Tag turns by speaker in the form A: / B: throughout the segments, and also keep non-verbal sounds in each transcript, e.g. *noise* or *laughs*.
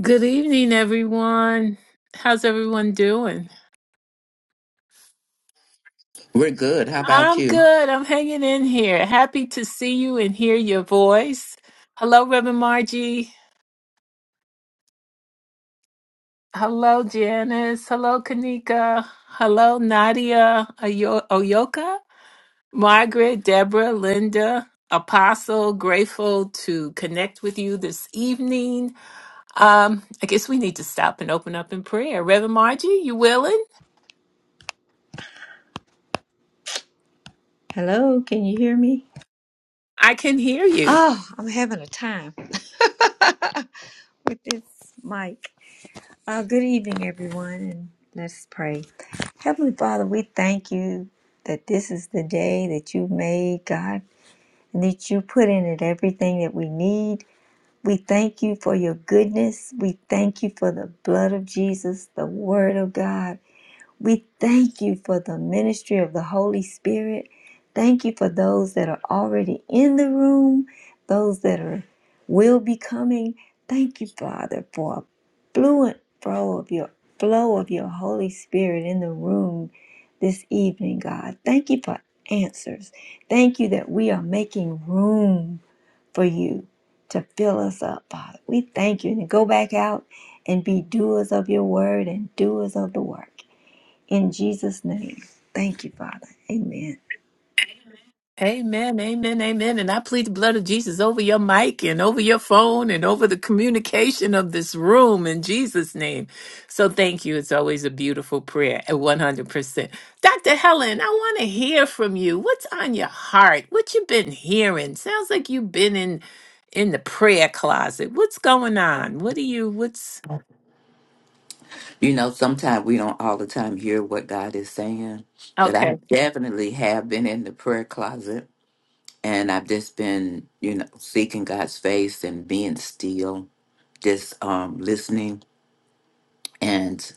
A: Good evening, everyone. How's everyone doing?
B: We're good. How about
A: I'm
B: you?
A: good. I'm hanging in here. Happy to see you and hear your voice. Hello, Reverend Margie. Hello, Janice. Hello, Kanika. Hello, Nadia Oyo- Oyoka, Margaret, Deborah, Linda, Apostle. Grateful to connect with you this evening. Um, I guess we need to stop and open up in prayer. Reverend Margie, you willing?
C: Hello, can you hear me?
A: I can hear you.
C: Oh, I'm having a time *laughs* with this mic. Uh, good evening, everyone, and let's pray. Heavenly Father, we thank you that this is the day that you made, God, and that you put in it everything that we need. We thank you for your goodness. We thank you for the blood of Jesus, the Word of God. We thank you for the ministry of the Holy Spirit. Thank you for those that are already in the room, those that are will be coming. Thank you, Father, for a fluent flow of your flow of your Holy Spirit in the room this evening, God. Thank you for answers. Thank you that we are making room for you to fill us up, Father. We thank you and go back out and be doers of your word and doers of the work. In Jesus' name. Thank you, Father. Amen.
A: Amen, amen, amen. And I plead the blood of Jesus over your mic and over your phone and over the communication of this room in Jesus' name. So thank you. It's always a beautiful prayer at 100%. Dr. Helen, I want to hear from you. What's on your heart? What you been hearing? Sounds like you've been in in the prayer closet. What's going on? What do you what's
B: You know, sometimes we don't all the time hear what God is saying, but
A: okay.
B: I definitely have been in the prayer closet and I've just been, you know, seeking God's face and being still, just um, listening. And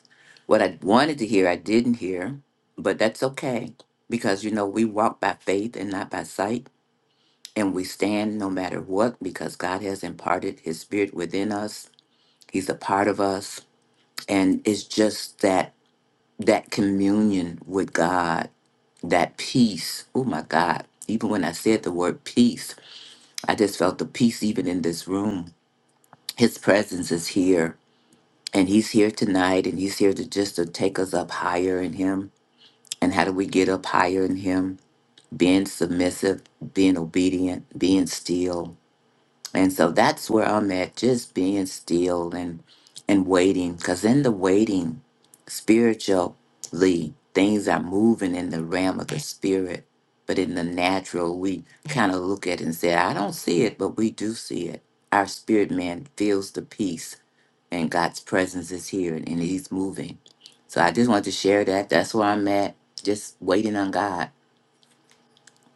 B: what I wanted to hear, I didn't hear, but that's okay because, you know, we walk by faith and not by sight. And we stand no matter what because God has imparted his spirit within us. He's a part of us. And it's just that that communion with God, that peace. Oh my God. Even when I said the word peace, I just felt the peace even in this room. His presence is here and he's here tonight and he's here to just to take us up higher in him. And how do we get up higher in him? Being submissive, being obedient, being still, And so that's where I'm at, just being still and and waiting. Cause in the waiting, spiritually, things are moving in the realm of the spirit. But in the natural, we kind of look at it and say, I don't see it, but we do see it. Our spirit man feels the peace and God's presence is here and he's moving. So I just wanted to share that. That's where I'm at. Just waiting on God.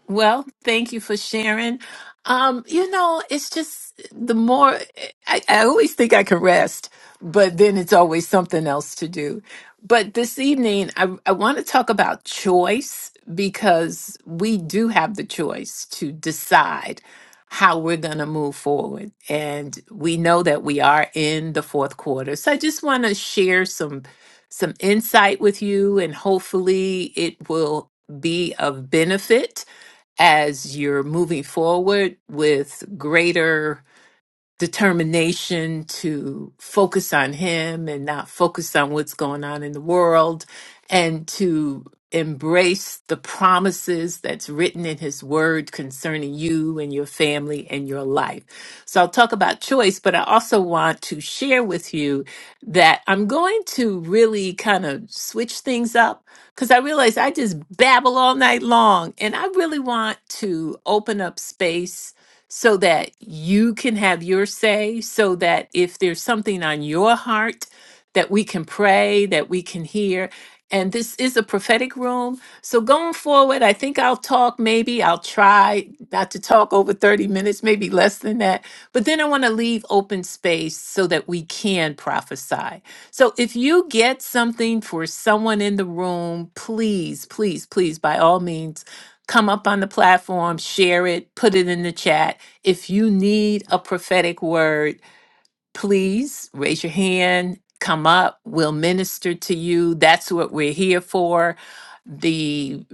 A: Well, thank you for sharing. Um, you know, it's just the more I, I always think I can rest, but then it's always something else to do. But this evening, I, I want to talk about choice because we do have the choice to decide how we're going to move forward. And we know that we are in the fourth quarter. So I just want to share some some insight with you and hopefully it will be of benefit as you're moving forward with greater determination to focus on him and not focus on what's going on in the world and to embrace the promises that's written in his word concerning you and your family and your life. So I'll talk about choice, but I also want to share with you that I'm going to really kind of switch things up because I realize I just babble all night long and I really want to open up space so that you can have your say, so that if there's something on your heart, that we can pray, that we can hear. And this is a prophetic room. So going forward, I think I'll talk, maybe I'll try not to talk over 30 minutes, maybe less than that. But then I want to leave open space so that we can prophesy. So if you get something for someone in the room, please, please, please, by all means, come up on the platform, share it, put it in the chat if you need a prophetic word, please raise your hand, come up, we'll minister to you. That's what we're here for. The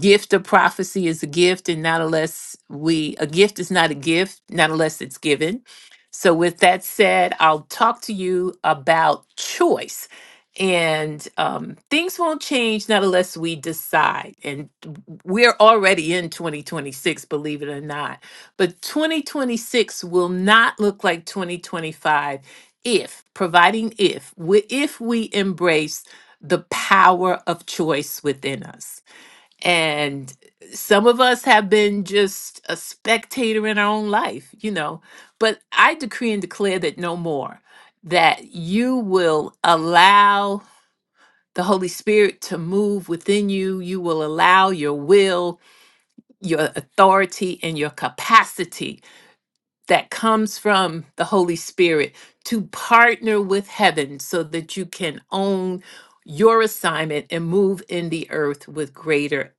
A: gift of prophecy is a gift, and not unless we, a gift is not a gift, not unless it's given. So, with that said, I'll talk to you about choice. And um, things won't change not unless we decide. And we're already in 2026, believe it or not but 2026 will not look like 2025 if, providing if, we, if we embrace the power of choice within us. And some of us have been just a spectator in our own life, you know, but I decree and declare that no more, that you will allow the Holy Spirit to move within you. You will allow your will, your authority, and your capacity that comes from the Holy Spirit to partner with heaven so that you can own your assignment and move in the earth with greater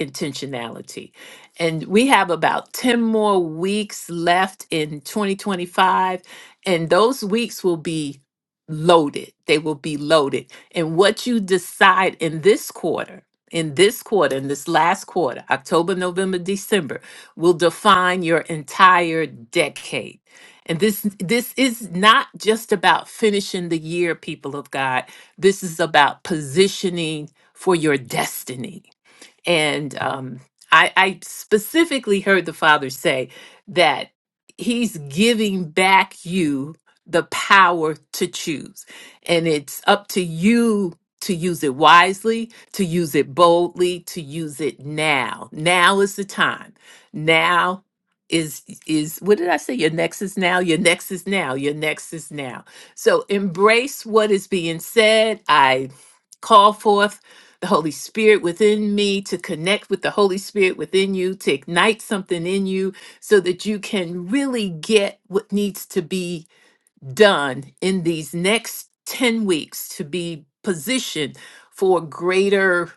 A: intentionality. And we have about 10 more weeks left in 2025, and those weeks will be loaded. They will be loaded. And what you decide in this quarter, in this quarter, in this last quarter, October, November, December, will define your entire decade. And this this is not just about finishing the year, people of God. This is about positioning for your destiny and um, I, I specifically heard the father say that he's giving back you the power to choose. And it's up to you to use it wisely, to use it boldly, to use it now. Now is the time. Now is is what did I say? Your next is now, your next is now, your next is now. So embrace what is being said. I call forth the Holy Spirit within me, to connect with the Holy Spirit within you, to ignite something in you so that you can really get what needs to be done in these next 10 weeks to be positioned for greater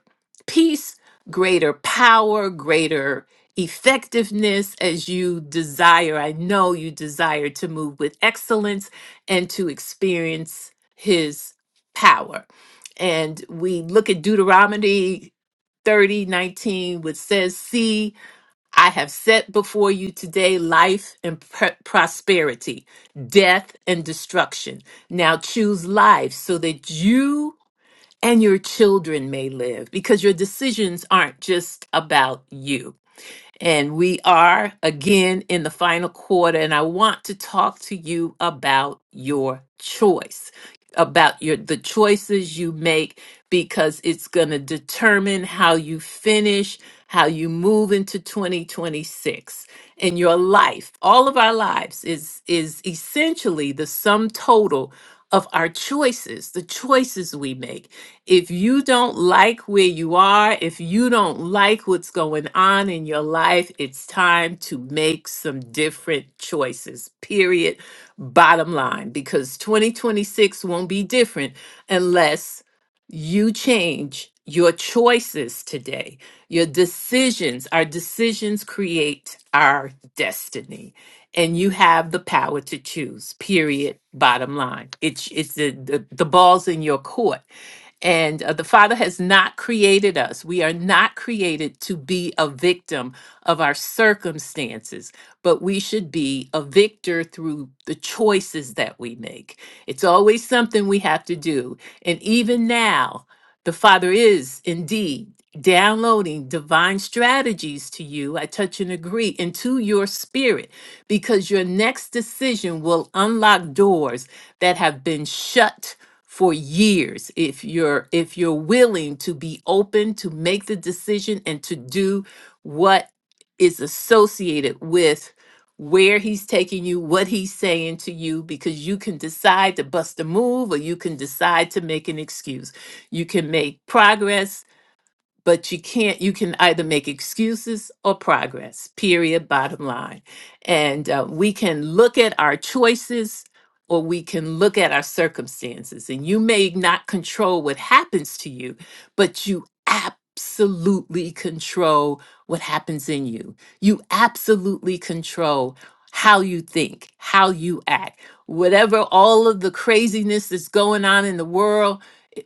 A: peace, greater power, greater effectiveness as you desire. I know you desire to move with excellence and to experience His power. And we look at Deuteronomy 30 19, which says, See, I have set before you today life and pr- prosperity, death and destruction. Now choose life so that you and your children may live because your decisions aren't just about you. And we are again in the final quarter, and I want to talk to you about your choice, about your the choices you make because it's going to determine how you finish, how you move into 2026. And your life, all of our lives is is essentially the sum total of our choices, the choices we make. If you don't like where you are, if you don't like what's going on in your life, it's time to make some different choices, period. Bottom line, because 2026 won't be different unless you change your choices today. Your decisions, our decisions create our destiny. And you have the power to choose, period. Bottom line. It's it's the, the, the ball's in your court and uh, the Father has not created us. We are not created to be a victim of our circumstances, but we should be a victor through the choices that we make. It's always something we have to do. And even now, the Father is indeed downloading divine strategies to you. I touch and agree, and to your spirit, because your next decision will unlock doors that have been shut for years if you're if you're willing to be open to make the decision and to do what is associated with where he's taking you what he's saying to you because you can decide to bust a move or you can decide to make an excuse you can make progress but you can't you can either make excuses or progress period bottom line and uh, we can look at our choices or we can look at our circumstances and you may not control what happens to you but you absolutely control what happens in you you absolutely control how you think how you act whatever all of the craziness that's going on in the world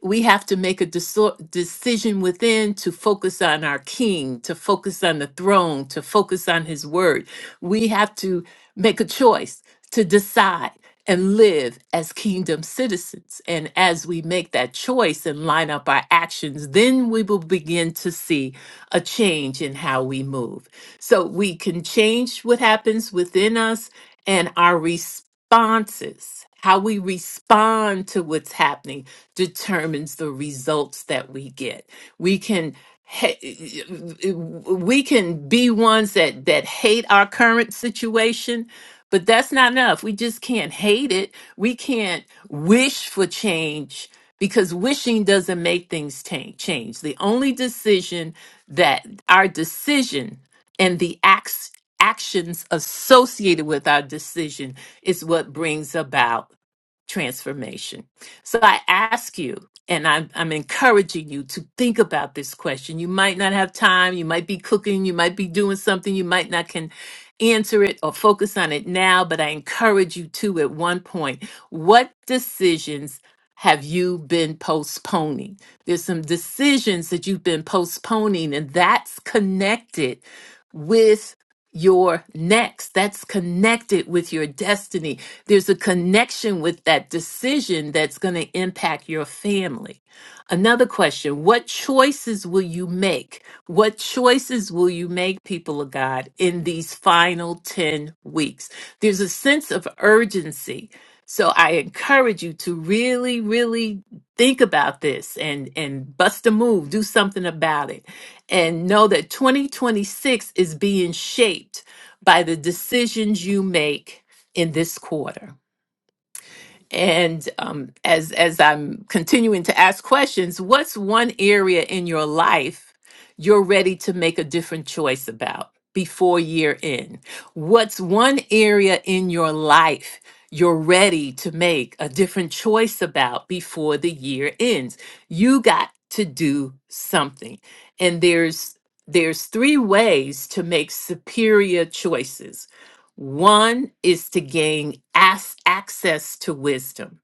A: we have to make a deso- decision within to focus on our king, to focus on the throne, to focus on his word. We have to make a choice to decide and live as kingdom citizens. And as we make that choice and line up our actions, then we will begin to see a change in how we move. So we can change what happens within us and our responses. How we respond to what's happening, determines the results that we get. We can ha- we can be ones that that hate our current situation, but that's not enough. We just can't hate it. We can't wish for change because wishing doesn't make things ta- change. The only decision that our decision and the acts actions associated with our decision is what brings about transformation. So I ask you, and I'm, I'm encouraging you to think about this question. You might not have time. You might be cooking. You might be doing something. You might not can answer it or focus on it now, but I encourage you to at one point. What decisions have you been postponing? There's some decisions that you've been postponing, and that's connected with your next. That's connected with your destiny. There's a connection with that decision that's going to impact your family. Another question What choices will you make? What choices will you make, people of God, in these final 10 weeks? There's a sense of urgency. So I encourage you to really, really think about this and and bust a move, do something about it. And know that 2026 is being shaped by the decisions you make in this quarter. And um, as as I'm continuing to ask questions, what's one area in your life you're ready to make a different choice about before year end? What's one area in your life you're ready to make a different choice about before the year ends? You got to do something, and there's there's three ways to make superior choices one is to gain as- access to wisdom.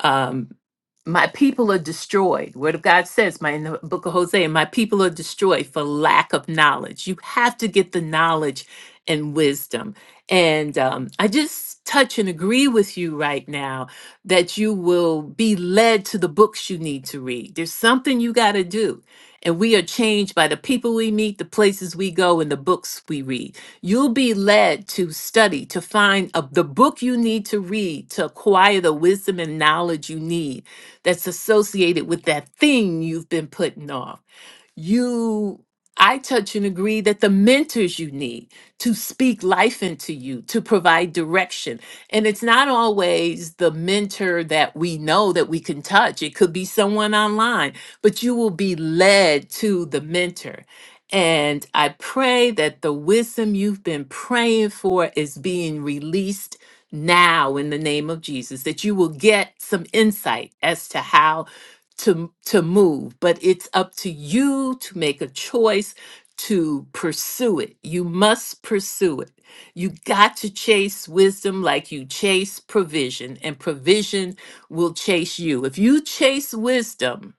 A: Um, my people are destroyed. Word of God says, my in the book of Hosea, my people are destroyed for lack of knowledge. You have to get the knowledge and wisdom. And um, I just touch and agree with you right now that you will be led to the books you need to read. There's something you got to do. And we are changed by the people we meet, the places we go, and the books we read. You'll be led to study, to find a, the book you need to read to acquire the wisdom and knowledge you need that's associated with that thing you've been putting off you I touch and agree that the mentors you need to speak life into you, to provide direction. And it's not always the mentor that we know that we can touch. It could be someone online, but you will be led to the mentor. And I pray that the wisdom you've been praying for is being released now in the name of Jesus, that you will get some insight as to how to to move but it's up to you to make a choice to pursue it you must pursue it you got to chase wisdom like you chase provision and provision will chase you if you chase wisdom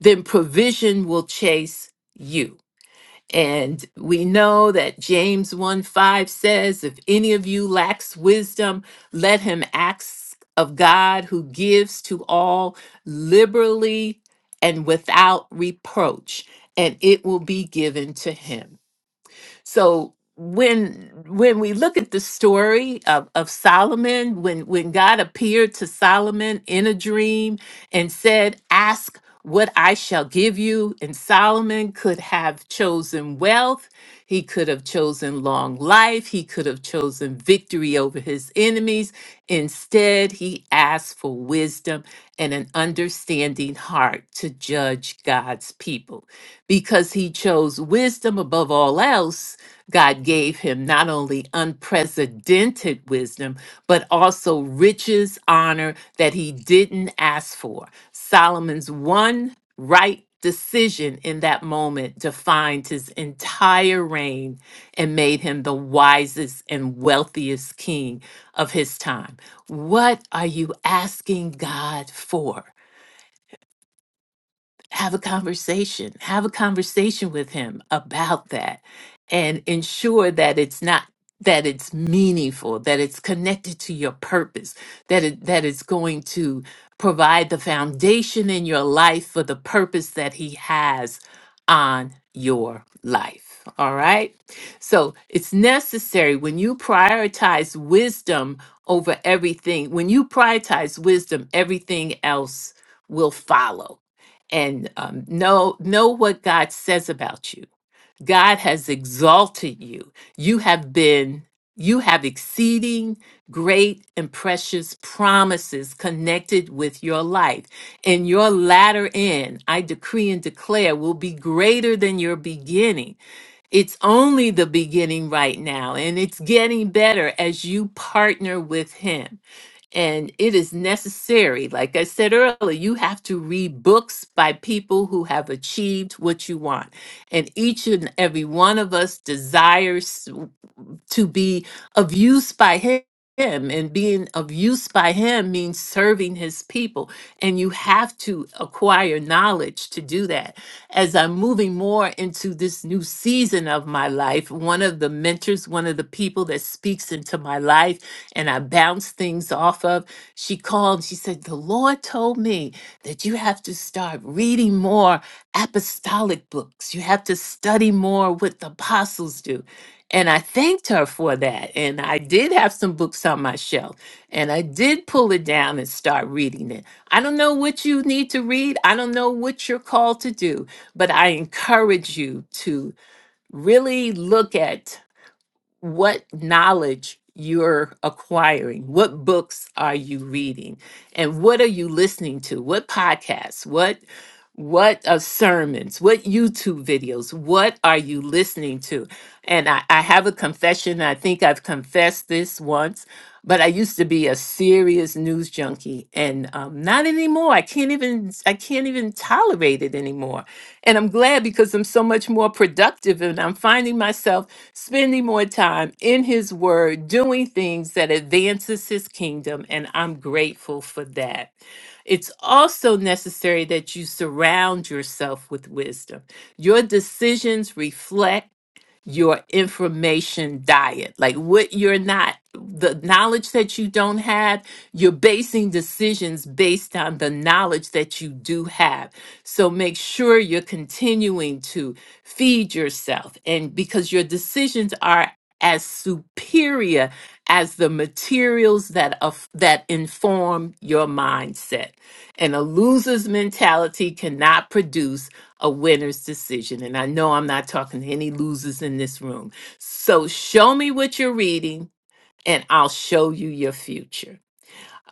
A: then provision will chase you and we know that James 1 5 says, If any of you lacks wisdom, let him ask of God who gives to all liberally and without reproach, and it will be given to him. So when when we look at the story of, of Solomon, when when God appeared to Solomon in a dream and said, Ask what I shall give you, and Solomon could have chosen wealth, he could have chosen long life, he could have chosen victory over his enemies. Instead, he asked for wisdom and an understanding heart to judge God's people because he chose wisdom above all else. God gave him not only unprecedented wisdom, but also riches, honor that he didn't ask for. Solomon's one right decision in that moment defined his entire reign and made him the wisest and wealthiest king of his time. What are you asking God for? have a conversation have a conversation with him about that and ensure that it's not that it's meaningful that it's connected to your purpose that it that it's going to provide the foundation in your life for the purpose that he has on your life all right so it's necessary when you prioritize wisdom over everything when you prioritize wisdom everything else will follow and um, know know what God says about you. God has exalted you. You have been you have exceeding great and precious promises connected with your life. And your latter end, I decree and declare, will be greater than your beginning. It's only the beginning right now, and it's getting better as you partner with Him. And it is necessary, like I said earlier, you have to read books by people who have achieved what you want. And each and every one of us desires to be of use by hi- him and being of use by him means serving his people and you have to acquire knowledge to do that as i'm moving more into this new season of my life one of the mentors one of the people that speaks into my life and i bounce things off of she called and she said the lord told me that you have to start reading more apostolic books you have to study more what the apostles do and I thanked her for that. And I did have some books on my shelf. And I did pull it down and start reading it. I don't know what you need to read. I don't know what you're called to do. But I encourage you to really look at what knowledge you're acquiring what books are you reading and what are you listening to what podcasts what what uh, sermons what youtube videos what are you listening to and I, I have a confession i think i've confessed this once but i used to be a serious news junkie and um, not anymore i can't even i can't even tolerate it anymore and I'm glad because I'm so much more productive and I'm finding myself spending more time in his word, doing things that advances his kingdom. And I'm grateful for that. It's also necessary that you surround yourself with wisdom. Your decisions reflect your information diet like what you're not the knowledge that you don't have you're basing decisions based on the knowledge that you do have so make sure you're continuing to feed yourself, and because your decisions are as superior as the materials that of that inform your mindset. And a loser's mentality cannot produce a winner's decision. And I know I'm not talking to any losers in this room. So show me what you're reading, and I'll show you your future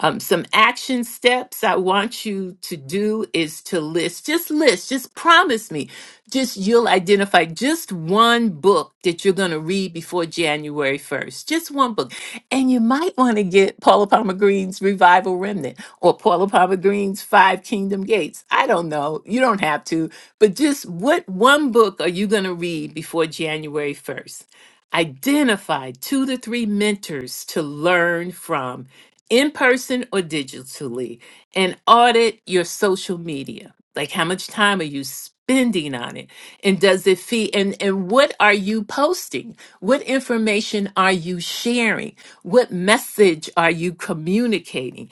A: um, some action steps I want you to do is to list, just list, just promise me, just you'll identify just one book that you're going to read before January 1st, just one book. And you might want to get Paula Palmer Green's Revival Remnant or Paula Palmer Green's Five Kingdom Gates. I don't know. You don't have to, but just what one book are you going to read before January 1st? Identify two to three mentors to learn from in person or digitally, and audit your social media. Like how much time are you spending on it? And does it feed and, and what are you posting? What information are you sharing? What message are you communicating?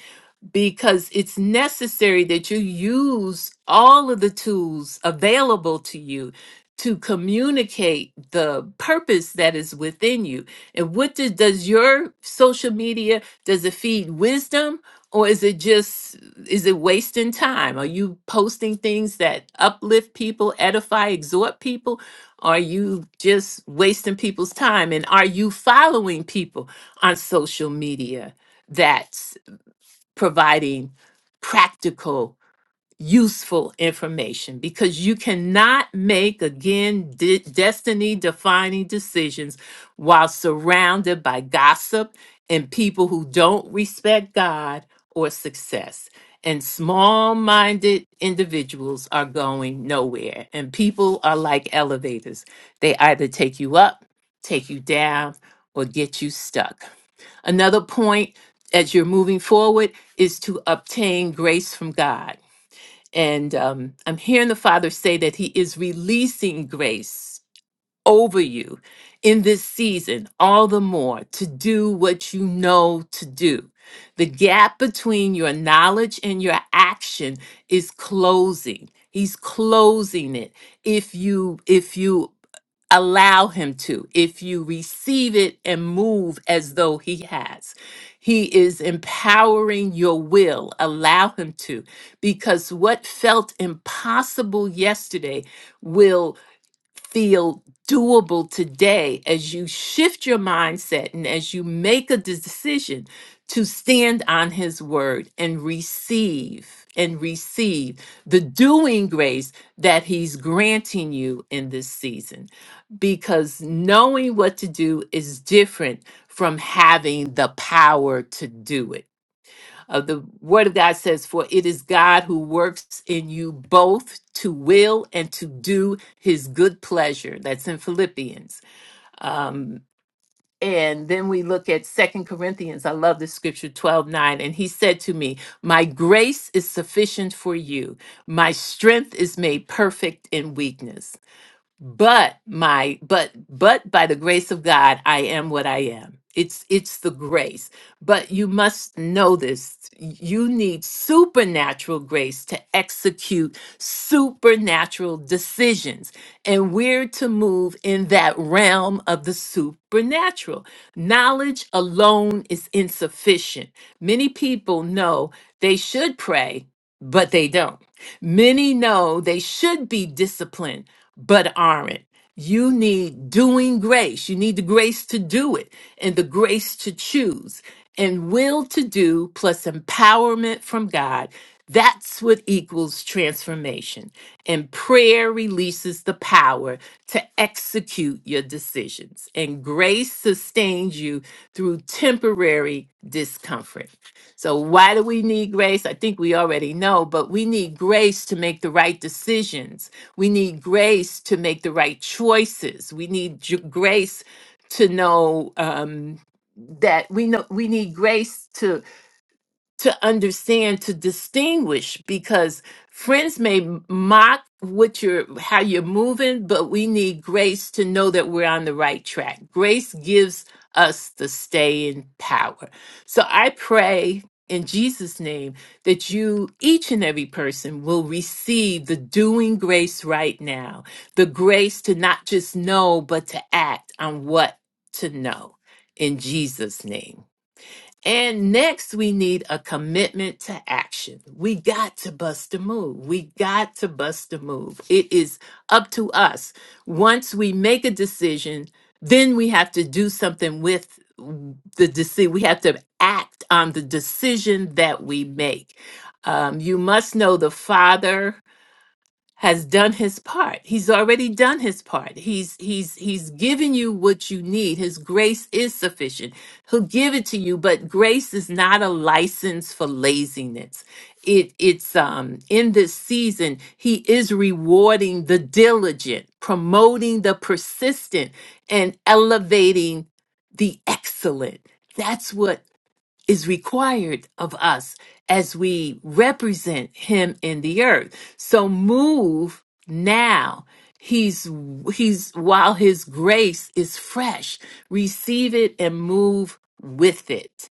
A: because it's necessary that you use all of the tools available to you to communicate the purpose that is within you. And what do, does your social media does it feed wisdom or is it just is it wasting time? Are you posting things that uplift people, edify, exhort people? Are you just wasting people's time and are you following people on social media? that providing practical, useful information because you cannot make, again, de- destiny defining decisions while surrounded by gossip and people who don't respect God or success. And small minded individuals are going nowhere. And people are like elevators, they either take you up, take you down, or get you stuck. Another point as you're moving forward is to obtain grace from God. And um, I'm hearing the Father say that He is releasing grace over you in this season, all the more to do what you know to do. The gap between your knowledge and your action is closing. He's closing it. If you if you allow him to if you receive it and move as though he has he is empowering your will allow him to because what felt impossible yesterday will feel doable today as you shift your mindset and as you make a decision to stand on his word and receive and receive the doing grace that he's granting you in this season because knowing what to do is different from having the power to do it uh, the word of God says, For it is God who works in you both to will and to do his good pleasure. That's in Philippians. Um, and then we look at Second Corinthians. I love this scripture, 12 9, And he said to me, My grace is sufficient for you, my strength is made perfect in weakness but my but but by the grace of god i am what i am it's it's the grace but you must know this you need supernatural grace to execute supernatural decisions and we're to move in that realm of the supernatural knowledge alone is insufficient many people know they should pray but they don't many know they should be disciplined but aren't. You need doing grace. You need the grace to do it and the grace to choose and will to do plus empowerment from God. That's what equals transformation. And prayer releases the power to execute your decisions. And grace sustains you through temporary discomfort. So, why do we need grace? I think we already know, but we need grace to make the right decisions. We need grace to make the right choices. We need ju- grace to know um, that we know we need grace to understand to distinguish because friends may m- mock what you're how you're moving but we need grace to know that we're on the right track grace gives us the staying power so i pray in jesus name that you each and every person will receive the doing grace right now the grace to not just know but to act on what to know in jesus name and next, we need a commitment to action. We got to bust a move. We got to bust a move. It is up to us. Once we make a decision, then we have to do something with the decision. We have to act on the decision that we make. Um, you must know the Father has done his part. He's already done his part. He's he's he's given you what you need. His grace is sufficient. He'll give it to you, but grace is not a license for laziness. It it's um in this season he is rewarding the diligent, promoting the persistent and elevating the excellent. That's what is required of us as we represent him in the earth. So move now. He's he's while his grace is fresh, receive it and move with it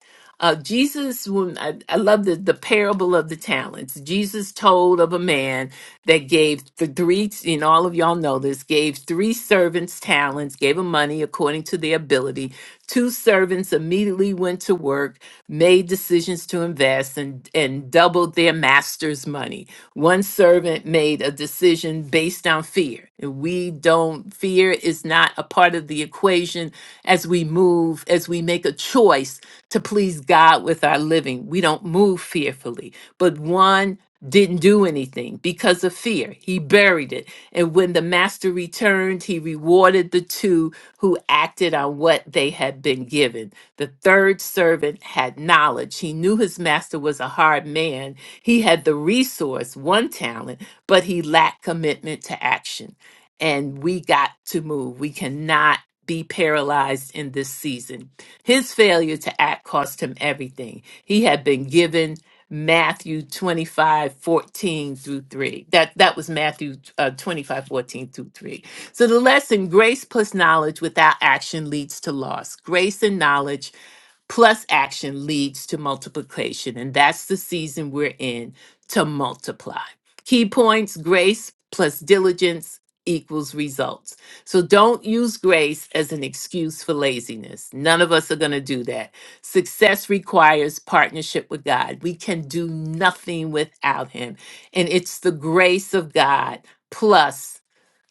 A: uh, Jesus, when I, I love the, the parable of the talents. Jesus told of a man that gave the three, and all of y'all know this, gave three servants talents, gave them money according to their ability. Two servants immediately went to work, made decisions to invest, and, and doubled their master's money. One servant made a decision based on fear. And we don't, fear is not a part of the equation happen as we move, as we make a choice to please God with our living. We don't move fearfully, but one didn't do anything because of fear. He buried it. And when the master returned, he rewarded the two who acted on what they had been given. The third servant had knowledge. He knew his master was a hard man. He had the resource, one talent, but he lacked commitment to action and we got to move. We cannot be paralyzed in this season. His failure to act cost him everything. He had been given Matthew 25 14 through 3. That that was Matthew uh, 25, fourteen through 3. So the lesson, grace plus knowledge without action leads to loss. Grace and knowledge Plus action leads to multiplication, and that's the season we're in to multiply. Key points grace plus diligence equals results. So don't use grace as an excuse for laziness. None of us are going to do that. Success requires partnership with God. We can do nothing without Him. And it's the grace of God plus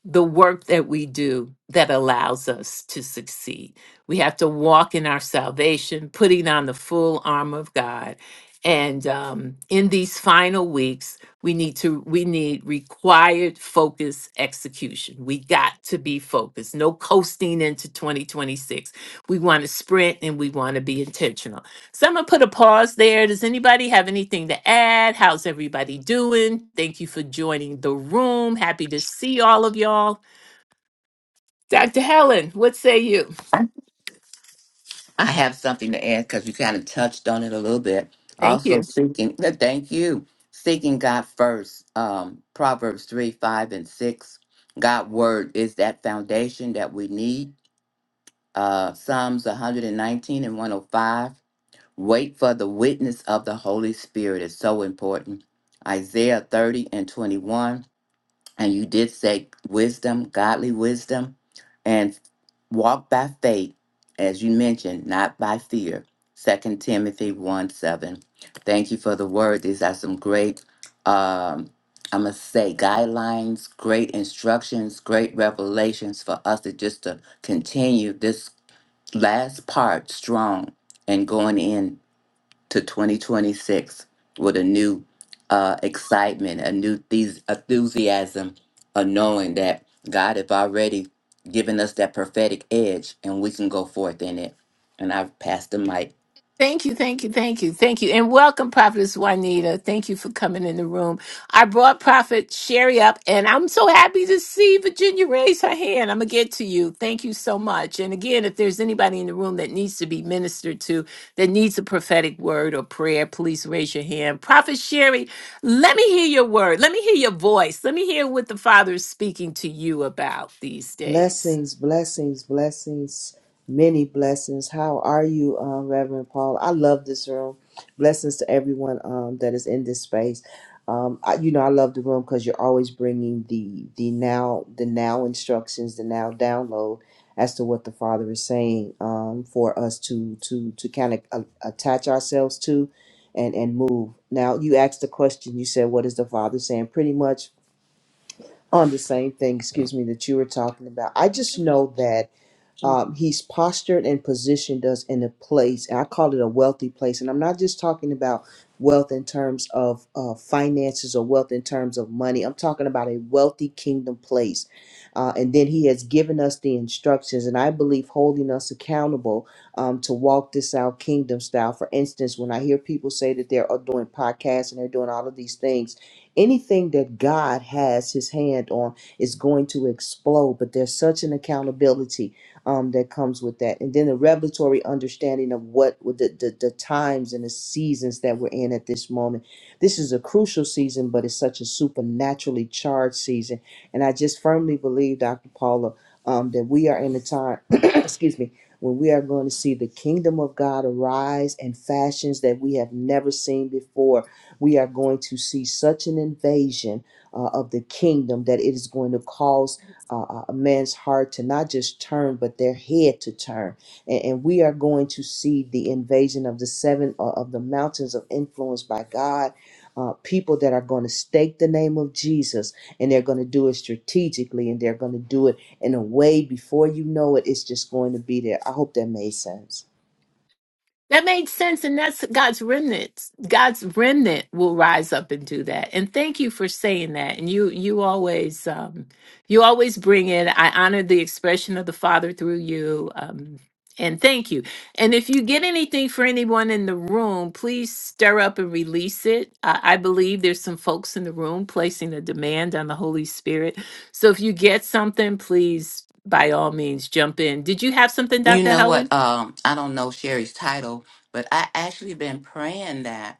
A: the work that we do that allows us to succeed. We have to walk in our salvation, putting on the full armor of God. And um, in these final weeks, we need to we need required focus execution. We got to be focused. No coasting into 2026. We want to sprint and we want to be intentional. So I'm gonna put a pause there. Does anybody have anything to add? How's everybody doing? Thank you for joining the room. Happy to see all of y'all. Dr. Helen, what say you?
B: I have something to add because you kind of touched on it a little bit.
A: Thank
B: Also,
A: you.
B: seeking, yeah, thank you, seeking God first. Um, Proverbs 3 5 and 6. God' word is that foundation that we need. Uh, Psalms 119 and 105. Wait for the witness of the Holy Spirit is so important. Isaiah 30 and 21 and you did say wisdom, godly wisdom, and walk by faith, as you mentioned, not by fear. Second Timothy 1 7. Thank you for the word. These are some great, um, i must say, guidelines, great instructions, great revelations for us to just to continue this last part strong and going in to 2026 with a new uh, excitement, a new thes- enthusiasm, a knowing that God have already given us that prophetic edge and we can go forth in it. And I've passed the mic.
A: Thank you, thank you, thank you, thank you. And welcome, Prophetess Juanita. Thank you for coming in the room. I brought Prophet Sherry up, and I'm so happy to see Virginia raise her hand. I'm going to get to you. Thank you so much. And again, if there's anybody in the room that needs to be ministered to, that needs a prophetic word or prayer, please raise your hand. Prophet Sherry, let me hear your word. Let me hear your voice. Let me hear what the Father is speaking to you about these days.
D: Blessings, blessings, blessings, many blessings. How are you, uh, Reverend Paul? I love this room. Blessings to everyone um, that is in this space. Um, I, you know, I love the room because you're always bringing the the now the now instructions, the now download as to what the Father is saying um, for us to to to kind of a- attach ourselves to and and move. Now, you asked the question. You said, "What is the Father saying?" Pretty much on the same thing, excuse me, that you were talking about. I just know that um, he's postured and positioned us in a place and i call it a wealthy place and i'm not just talking about wealth in terms of uh, finances or wealth in terms of money i'm talking about a wealthy kingdom place uh, and then he has given us the instructions and i believe holding us accountable um, to walk this out kingdom style for instance when i hear people say that they're uh, doing podcasts and they're doing all of these things anything that god has his hand on is going to explode but there's such an accountability um, that comes with that. And then the revelatory understanding of what with the, the, the times and the seasons that we're in at this moment. This is a crucial season, but it's such a supernaturally charged season. And I just firmly believe, Dr. Paula, um, that we are in a time, *clears throat* excuse me, when we are going to see the kingdom of God arise in fashions that we have never seen before. We are going to see such an invasion uh, of the kingdom that it is going to cause uh, a man's heart to not just turn, but their head to turn. And, and we are going to see the invasion of the seven uh, of the mountains of influence by God. Uh, people that are going to stake the name of Jesus and they're going to do it strategically and they're going to do it in a way before you know it, it's just going to be there. I hope that made sense.
A: That made sense. And that's God's remnants. God's remnant will rise up and do that. And thank you for saying that. And you, you always, um, you always bring it. I honor the expression of the Father through you. Um, and thank you. And if you get anything for anyone in the room, please stir up and release it. I, I believe there's some folks in the room placing a demand on the Holy Spirit. So if you get something, please, by all means, jump in. Did you have something,
B: You
A: Dr.
B: know
A: Helen?
B: what? Um, I don't know Sherry's title, but I actually been praying that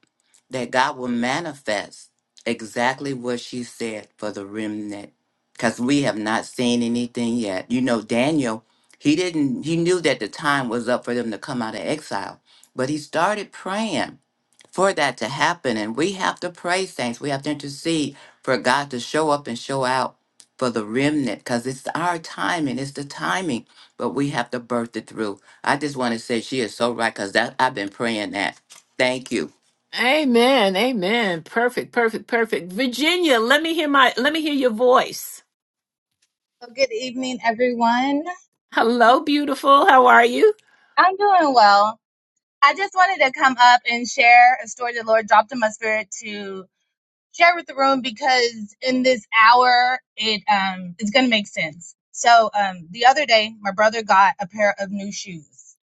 B: that God will manifest exactly what she said for the remnant, because we have not seen anything yet. You know, Daniel, he didn't. He knew that the time was up for them to come out of exile, but he started praying, for that to happen. And we have to pray, saints. We have to intercede for God to show up and show out for the remnant because it's our timing. It's the timing, but we have to birth it through. I just want to say she is so right because that I've been praying that. Thank you.
A: Amen. Amen. Perfect. Perfect. Perfect. Virginia, let me hear my let me hear your voice.
E: Well, good evening, everyone.
A: Hello, beautiful. How are you?
E: I'm doing well. I just wanted to come up and share a story the Lord dropped in my spirit to share with the room because in this hour, it um, it's going to make sense. So um, the other day, my brother got a pair of new shoes,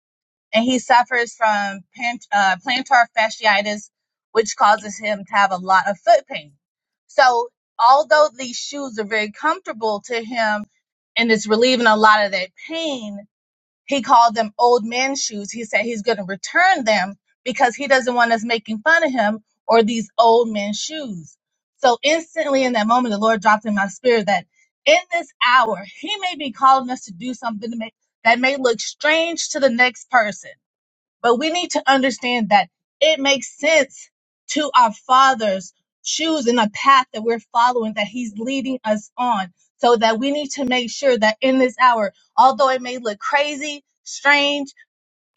E: and he suffers from pant- uh, plantar fasciitis, which causes him to have a lot of foot pain. So although these shoes are very comfortable to him, and it's relieving a lot of that pain He called them old man shoes. He said he's going to return them because he doesn't want us making fun of him or these old men shoes. So instantly in that moment, the Lord dropped in my spirit that in this hour, he may be calling us to do something to make, that may look strange to the next person but we need to understand that it makes sense to our fathers choosing a path that we're following, that He's leading us on. So that we need to make sure that in this hour, although it may look crazy, strange,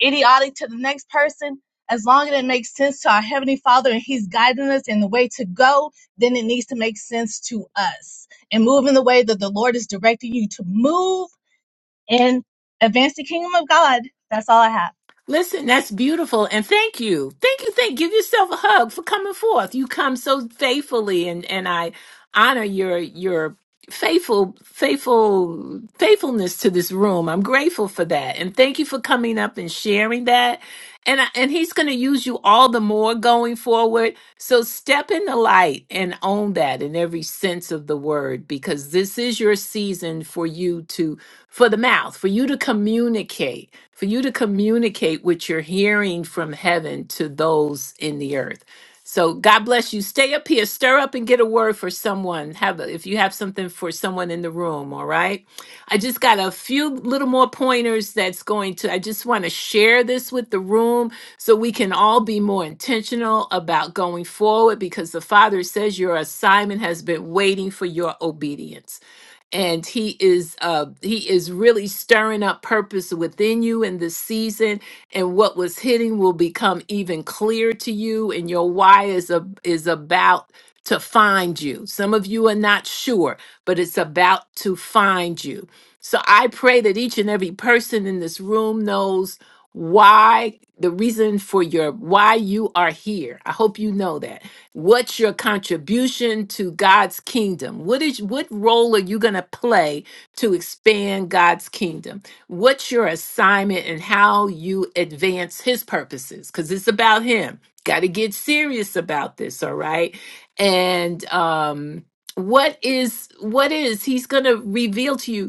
E: idiotic to the next person, as long as it makes sense to our Heavenly Father and He's guiding us in the way to go, then it needs to make sense to us. And move in the way that the Lord is directing you to move and advance the kingdom of God. That's all I have.
A: Listen, that's beautiful. And thank you. Thank you. Thank give yourself a hug for coming forth. You come so faithfully and and I honor your your faithful faithful faithfulness to this room. I'm grateful for that. And thank you for coming up and sharing that. And I, and he's going to use you all the more going forward So step in the light and own that in every sense of the word, because this is your season for you to, for the mouth, for you to communicate, for you to communicate what you're hearing from heaven to those in the earth. So God bless you. Stay up here, stir up and get a word for someone. Have a, if you have something for someone in the room, all right? I just got a few little more pointers that's going to, I just want to share this with the room so we can all be more intentional about going forward because the Father says your assignment has been waiting for your obedience and he is uh he is really stirring up purpose within you in this season and what was hitting will become even clearer to you and your why is a, is about to find you some of you are not sure but it's about to find you so i pray that each and every person in this room knows why the reason for your why you are here i hope you know that What's your contribution to God's kingdom? What is what role are you going to play to expand God's kingdom? What's your assignment and how you advance his purposes? Cuz it's about him. Got to get serious about this, all right? And um what is what is he's going to reveal to you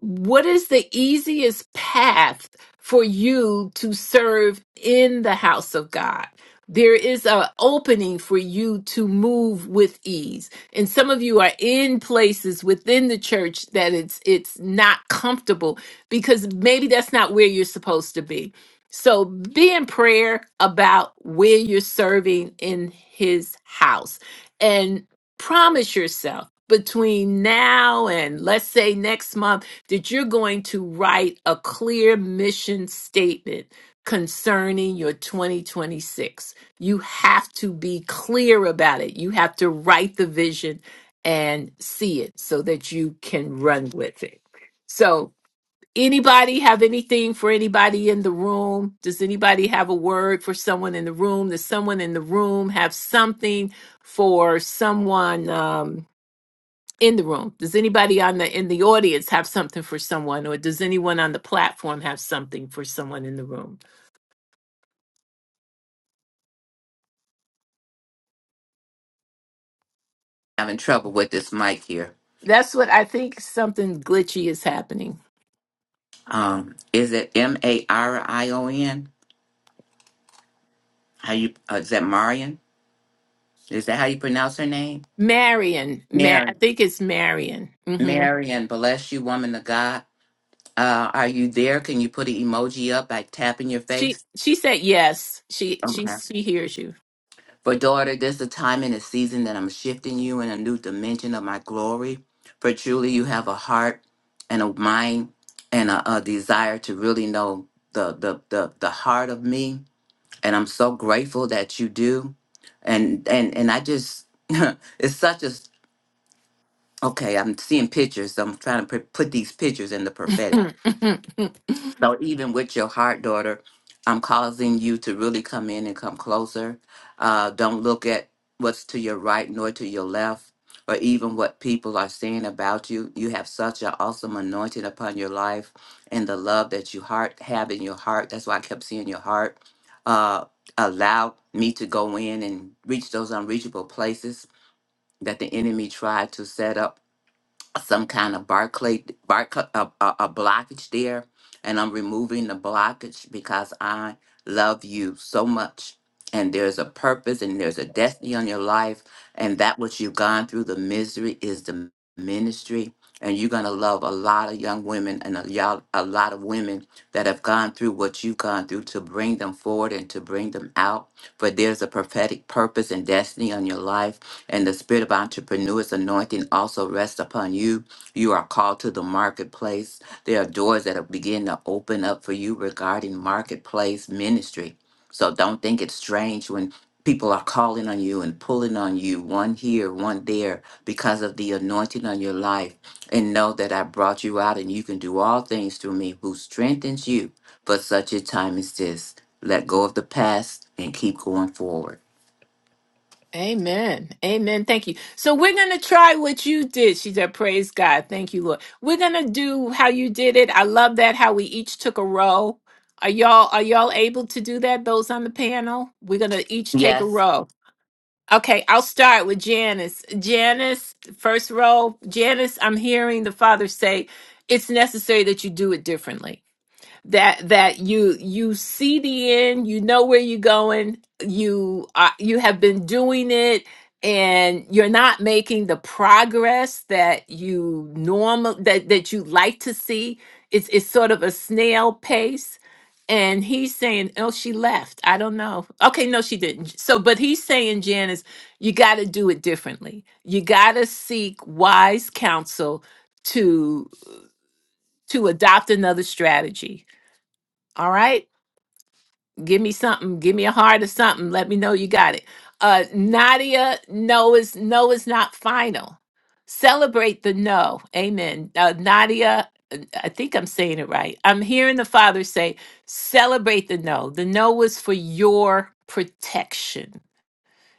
A: what is the easiest path for you to serve in the house of God? There is an opening for you to move with ease. And some of you are in places within the church that it's it's not comfortable because maybe that's not where you're supposed to be. So be in prayer about where you're serving in his house and promise yourself between now and let's say next month that you're going to write a clear mission statement concerning your 2026. You have to be clear about it. You have to write the vision and see it so that you can run with it. So, anybody have anything for anybody in the room? Does anybody have a word for someone in the room? Does someone in the room have something for someone? Um, in the room does anybody on the in the audience have something for someone or does anyone on the platform have something for someone in the room
B: Having trouble with this mic here.
A: that's what i think something glitchy is happening
B: Um, is it M A R I O N? How you? Uh, is that Marion? Is that how you pronounce her name?
A: marion Ma- i
B: Marion.
A: think it's marion hmm
B: Marion, bless you, woman of God. Uh, are you there? Can you put an emoji up by tapping your face?
A: she she said yes she she
B: Okay.
A: she hears you
B: For daughter, this is a time and a season that I'm shifting you in a new dimension of my glory. For truly, you have a heart and a mind and a, a desire to really know the, the the the heart of me, and I'm so grateful that you do. And and and I just *laughs* it's such a okay. I'm seeing pictures. So I'm trying to put put these pictures in the prophetic.
A: *laughs*
B: So even with your heart, daughter, I'm causing you to really come in and come closer. Uh, don't look at what's to your right nor to your left, or even what people are saying about you. You have such an awesome anointing upon your life, and the love that you heart have in your heart. That's why I kept seeing your heart. Uh, allow me to go in and reach those unreachable places that the enemy tried to set up some kind of Barclay Barclay a, a, a blockage there, and I'm removing the blockage because I love you so much. And there's a purpose and there's a destiny on your life, and that what you've gone through, the misery is the ministry. And you're gonna love a lot of young women and a, y'all- a lot of women that have gone through what you've gone through to bring them forward and to bring them out. For there's a prophetic purpose and destiny on your life and the spirit of entrepreneur's anointing also rests upon you. You are called to the marketplace. There are doors that are beginning to open up for you regarding marketplace ministry. So don't think it's strange when people are calling on you and pulling on you, one here, one there, because of the anointing on your life. And know that I brought you out and you can do all things through me who strengthens you for such a time as this. Let go of the past and keep going forward.
A: Amen. Amen. Thank you. So we're going to try what you did. She said, Praise God. Thank you, Lord. We're going to do how you did it. I love that how we each took a row. Are y'all are y'all able to do that those on the panel? We're going to each take a
B: Yes,
A: row. Okay, I'll start with Janice. Janice, first row. Janice, I'm hearing the father say it's necessary that you do it differently that that you you see the end, you know where you're going, you are, you have been doing it and you're not making the progress that you normal that that you like to see. It's it's sort of a snail pace. And he's saying, oh, she left. I don't know. Okay, no, she didn't. So, but he's saying, Janice, you got to do it differently. You got to seek wise counsel to to adopt another strategy. All right give me something give me a heart or something let me know you got it uh nadia no is no is not final celebrate the no amen uh, nadia uh, i think i'm saying it right i'm hearing the father say celebrate the no the no was for your protection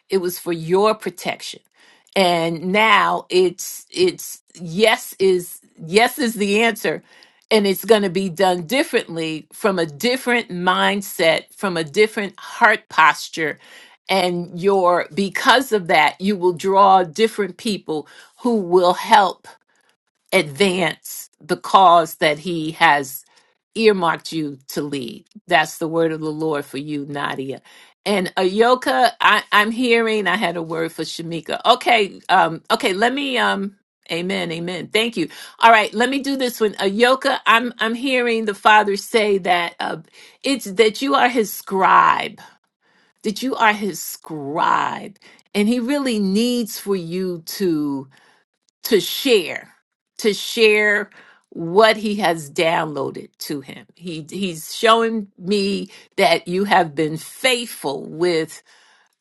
A: it was for your protection and now it's it's yes is yes is the answer and it's going to be done differently from a different mindset from a different heart posture and your because of that you will draw different people who will help advance the cause that he has earmarked you to lead. That's the word of the Lord for you, Nadia. And Ayoka, I, I'm hearing I had a word for Shamika. Okay, um, okay, let me um Amen, amen. Thank you. All right, let me do this one. Ayoka, I'm I'm hearing the father say that uh, it's that you are his scribe, that you are his scribe, and he really needs for you to to share to share what he has downloaded to him he he's showing me that you have been faithful with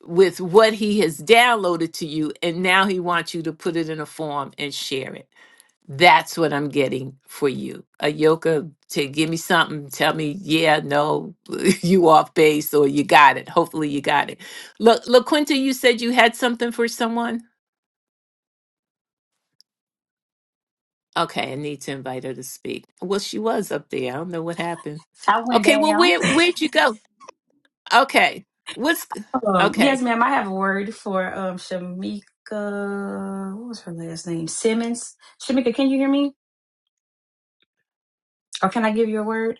A: with what he has downloaded to you and now he wants you to put it in a form and share it that's what i'm getting for you Ayoka. to give me something tell me yeah no *laughs* you off base or you got it hopefully you got it look Laquinta, you said you had something for someone Okay, I need to invite her to speak. Well, she was up there. I don't know what happened.
F: I went
A: Okay, well,
F: down.
A: where where'd you go? Okay, what's
F: Um, yes,
A: okay?
F: ma'am. I have a word for um, Shamika. What was her last name? Simmons. Shamika, can you hear me? Or can I give you a word?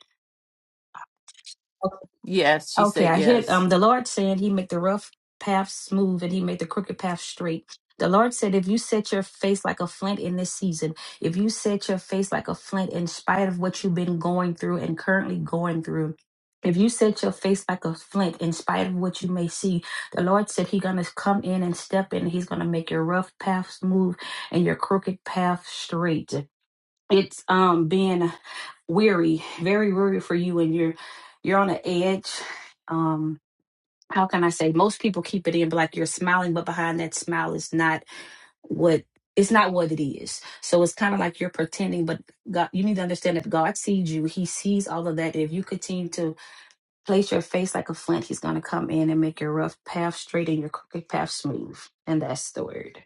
A: Yes, she
F: Okay,
A: said
F: I hear
A: yes.
F: um the Lord saying he make the rough path smooth and he make the crooked path straight. The Lord said, if you set your face like a flint in this season, if you set your face like a flint in spite of what you've been going through and currently going through, if you set your face like a flint in spite of what you may see, the Lord said He's gonna come in and step in. He's gonna make your rough path smooth and your crooked path straight it's um being weary very weary for you and you're you're on an edge um how can i say most people keep it in but like you're smiling but behind that smile is not what it's not what it is so it's kind of like you're pretending but god you need to understand that god sees you he sees all of that if you continue to place your face like a flint he's going to come in and make your rough path straight and your crooked path smooth and that's the word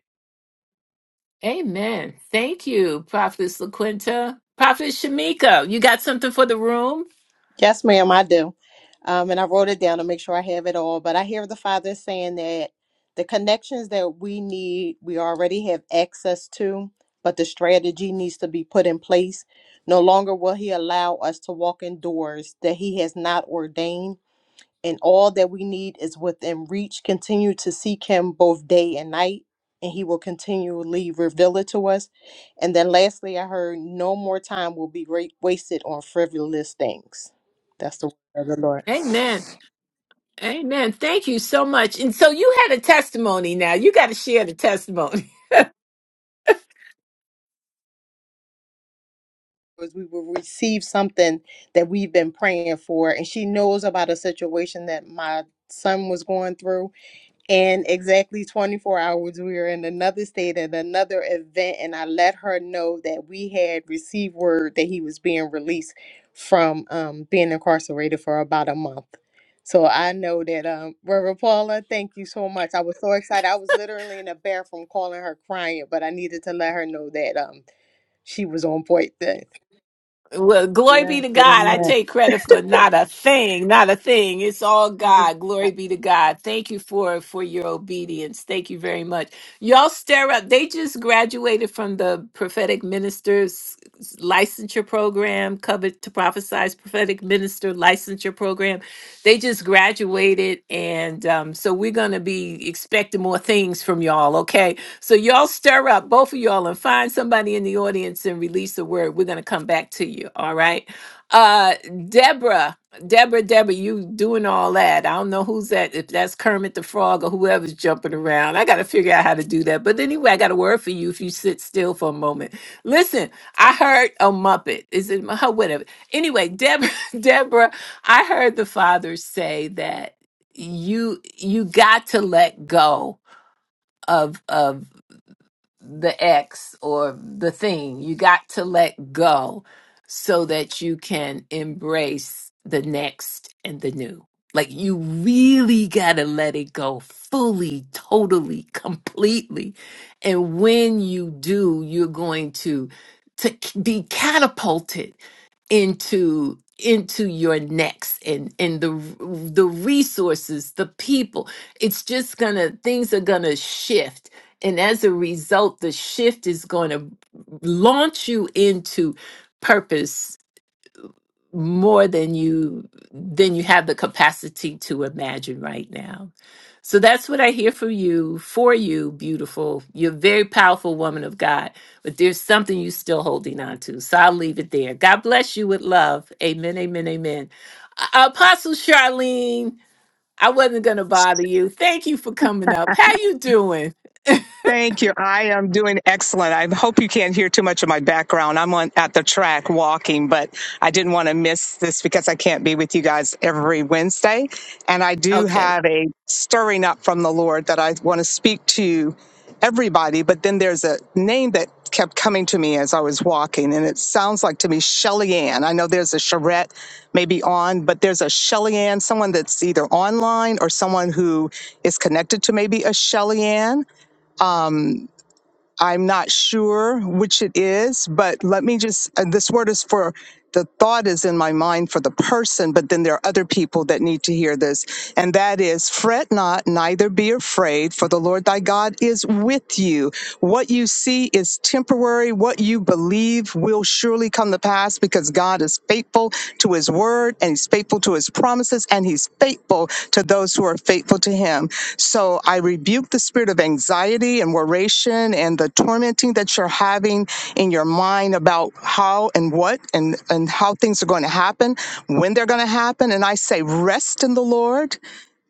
A: Amen. Thank you, Prophetess LaQuinta. Prophet Shamika, you got something for the room?
G: Yes, ma'am, I do. Um, and I wrote it down to make sure I have it all. But I hear the Father saying that the connections that we need, we already have access to, but the strategy needs to be put in place. No longer will He allow us to walk in doors that He has not ordained and all that we need is within reach. Continue to seek Him both day and night, and He will continually reveal it to us. And then, lastly, I heard no more time will be great, wasted on frivolous things. That's the word of the Lord.
A: Amen.
G: Because
A: Amen. Thank you so much. And so you had a testimony now. You got to share the testimony.
G: We will receive something that we've been praying for, and she knows about a situation that my son was going through And exactly 24 hours, we were in another state at another event, and I let her know that we had received word that he was being released from um, being incarcerated for about a month. So I know that, um, Reverend Paula, thank you so much. I was so excited. I was literally in a bathroom calling her crying, but I needed to let her know that um, she was on point. Then.
A: Well, glory be
G: Yes,
A: to God. I take
G: amen.
A: credit for not a thing, not a thing. It's all God. Glory be to God. Thank you for for your obedience. Thank you very much. Y'all stir up. They just graduated from the prophetic ministers licensure program, covered to prophesize prophetic minister licensure program. They just graduated, and um, so we're gonna be expecting more things from y'all. Okay so y'all stir up, both of y'all, and find somebody in the audience and release the word. We're gonna come back to you. All right. Uh Deborah, Deborah, Deborah, you doing all that. I don't know who's that, if that's Kermit the Frog or whoever's jumping around. I gotta figure out how to do that. But anyway, I got a word for you if you sit still for a moment. Listen, I heard a Muppet. Is it *laughs* oh, whatever? Anyway, Deborah, *laughs* Deborah, I heard the father say that you you got to let go of of the ex or the thing. You got to let go so that you can embrace the next and the new. Like you really got to let it go fully, totally, completely. And when you do, you're going to to be catapulted into into your next and and the r- the resources the people it's just gonna things are gonna shift and as a result the shift is gonna launch you into purpose more than you than you have the capacity to imagine right now. So that's what I hear from you for you, beautiful. You're a very powerful woman of God, but there's something you are still holding on to. So I'll leave it there. God bless you with love. Amen. Amen. Amen. A- Apostle Charlene, I wasn't gonna bother you. Thank you for coming up. How you doing?
H: Thank you. I am doing excellent. I hope you can't hear too much of my background. I'm on at the track walking, but I didn't want to miss this because I can't be with you guys every Wednesday. And I do
A: Okay.
H: have a stirring up from the Lord that I want to speak to everybody, but then there's a name that kept coming to me as I was walking, and it sounds like to me Shelly Ann. I know there's a Charette maybe on, but there's a Shelly Ann, someone that's either online or someone who is connected to maybe a Shelly Ann. I'm not sure which it is, but let me just, and this word is for the thought is in my mind for the person, but then there are other people that need to hear this. And that is fret not, neither be afraid, for the Lord thy God is with you. What you see is temporary. What you believe will surely come to pass because God. God is faithful to his word and he's faithful to his promises and he's faithful to those who are faithful to him. So I rebuke the spirit of anxiety and worration and the tormenting that you're having in your mind about how and what and, and how things are going to happen, when they're going to happen. And I say, rest in the Lord.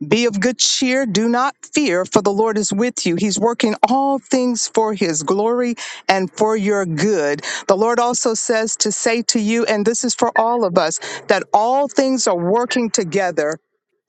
H: Be of good cheer. Do not fear, for the Lord is with you. He's working all things for his glory and for your good. The Lord also says to say to you, and this is for all of us, that all things are working together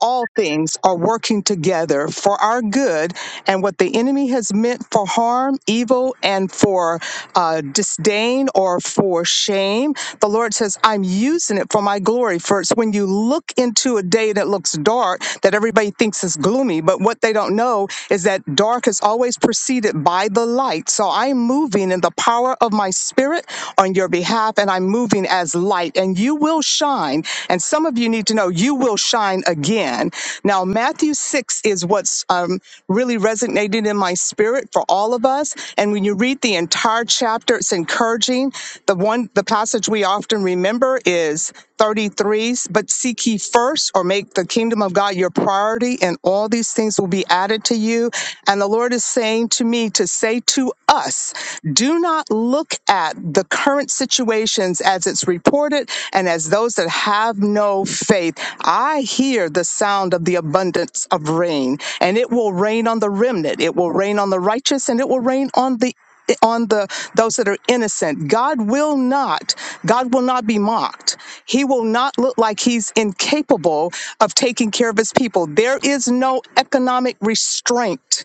H: all things are working together for our good, and what the enemy has meant for harm, evil, and for uh, disdain or for shame, the Lord says, I'm using it for my glory. For it's when you look into a day that looks dark that everybody thinks is gloomy, but what they don't know is that dark is always preceded by the light. So I'm moving in the power of my spirit on your behalf, and I'm moving as light and and you will shine. And some of you need to know you will shine again. Now, Matthew 6 is what's um, really resonated in my spirit for all of us. And when you read the entire chapter, it's encouraging. The one, the passage we often remember is 33, but seek ye first or make the kingdom of God your priority, and all these things will be added to you. And the Lord is saying to me to say to us, do not not look at the current situations as it's reported and as those that have no faith. I hear the sound of the abundance of rain, and it will rain on the remnant, it will rain on the righteous, and it will rain on the on the those that are innocent god will not god will not be mocked he will not look like he's incapable of taking care of his people there is no economic restraint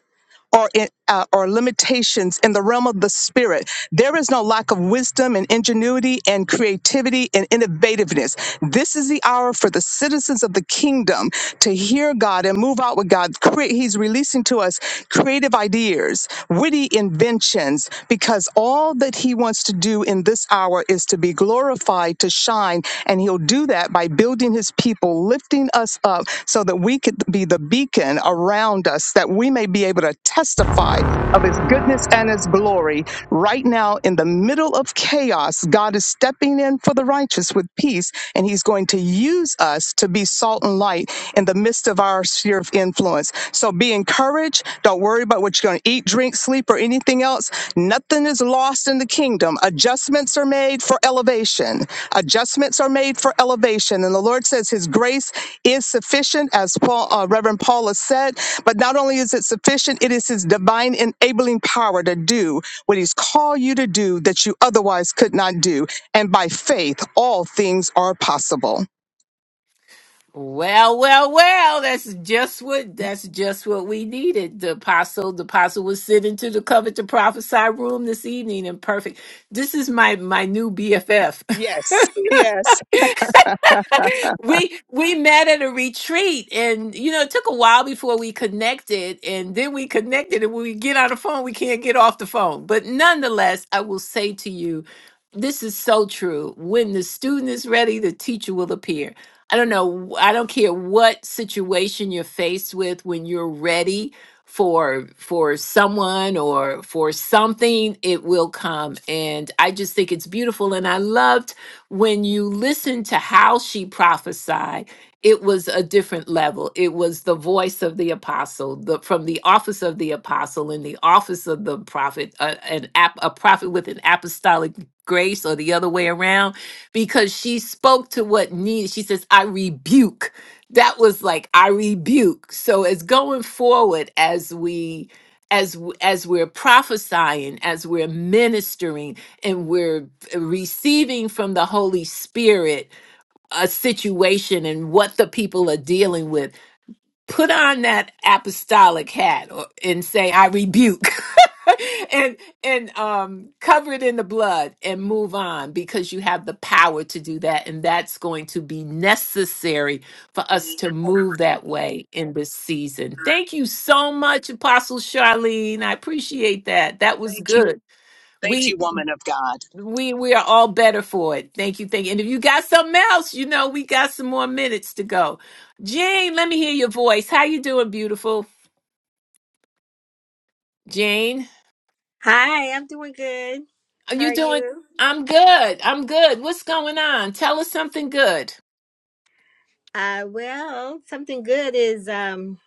H: or in, uh, or limitations in the realm of the spirit. There is no lack of wisdom and ingenuity and creativity and innovativeness. This is the hour for the citizens of the kingdom to hear God and move out with God. Cre- He's releasing to us creative ideas, witty inventions, because all that He wants to do in this hour is to to be glorified, to shine. And He'll do that by building His people, lifting us up so that we could be the beacon around us, that we may be able to testify of His goodness and His glory. Right now, in the middle of chaos, God is stepping in for the righteous with peace, and He's going to use us to be salt and light in the midst of of our sphere of influence. So be encouraged. Don't worry about what you're going to eat, drink, sleep, or anything else. Nothing is lost in the kingdom. Adjustments are made for elevation. Adjustments are made for elevation. And the Lord says His grace is sufficient, as Paul, uh, Reverend Paul has said. But not only is it sufficient, it is His divine enabling power to do what He's called you to do that you otherwise could not do. And by faith, all things are possible.
A: Well, well, well, that's just what that's just what we needed. The apostle, the apostle was sitting to the covet to prophesy room this evening and perfect. This is my my new BFF. *laughs*
H: Yes, yes.
A: *laughs* we we met at a retreat and you know it took a while before we connected and then we connected and when we get on the phone we can't get off the phone but nonetheless i will say to you this is so true when the student is ready the teacher will appear i don't know i don't care what situation you're faced with when you're ready for for someone or for something it will come and i just think it's beautiful and i love when you listen to how she prophesied, it was a different level. It was the voice of the apostle, the from the office of the apostle and the office of the prophet, a, an ap, a prophet with an apostolic grace, or the other way around, because she spoke to what needed. She says, "I rebuke." That was like I rebuke. So as going forward, as we as w- as we're prophesying, as we're ministering, and we're receiving from the Holy Spirit a situation and what the people are dealing with, put on that apostolic hat or, and say, "I rebuke," *laughs* and and um, cover it in the blood and move on because you have the power to do that, and that's going to be necessary for us to move that way in this season. Thank you so much, Apostle Charlene. I appreciate that. That was
H: Thank you.
A: good.
H: Thank
A: We
H: you, woman of God.
A: we we are all better for it. Thank you, thank you. And if you got something else, you know we got some more minutes to go. Jane, let me hear your voice. How you doing, beautiful Jane?
I: Hi, I'm doing good.
A: Are
I: How
A: you
I: are
A: doing?
I: you?
A: I'm good. I'm good. What's going on? Tell us something good.
I: Uh, well, something good is um,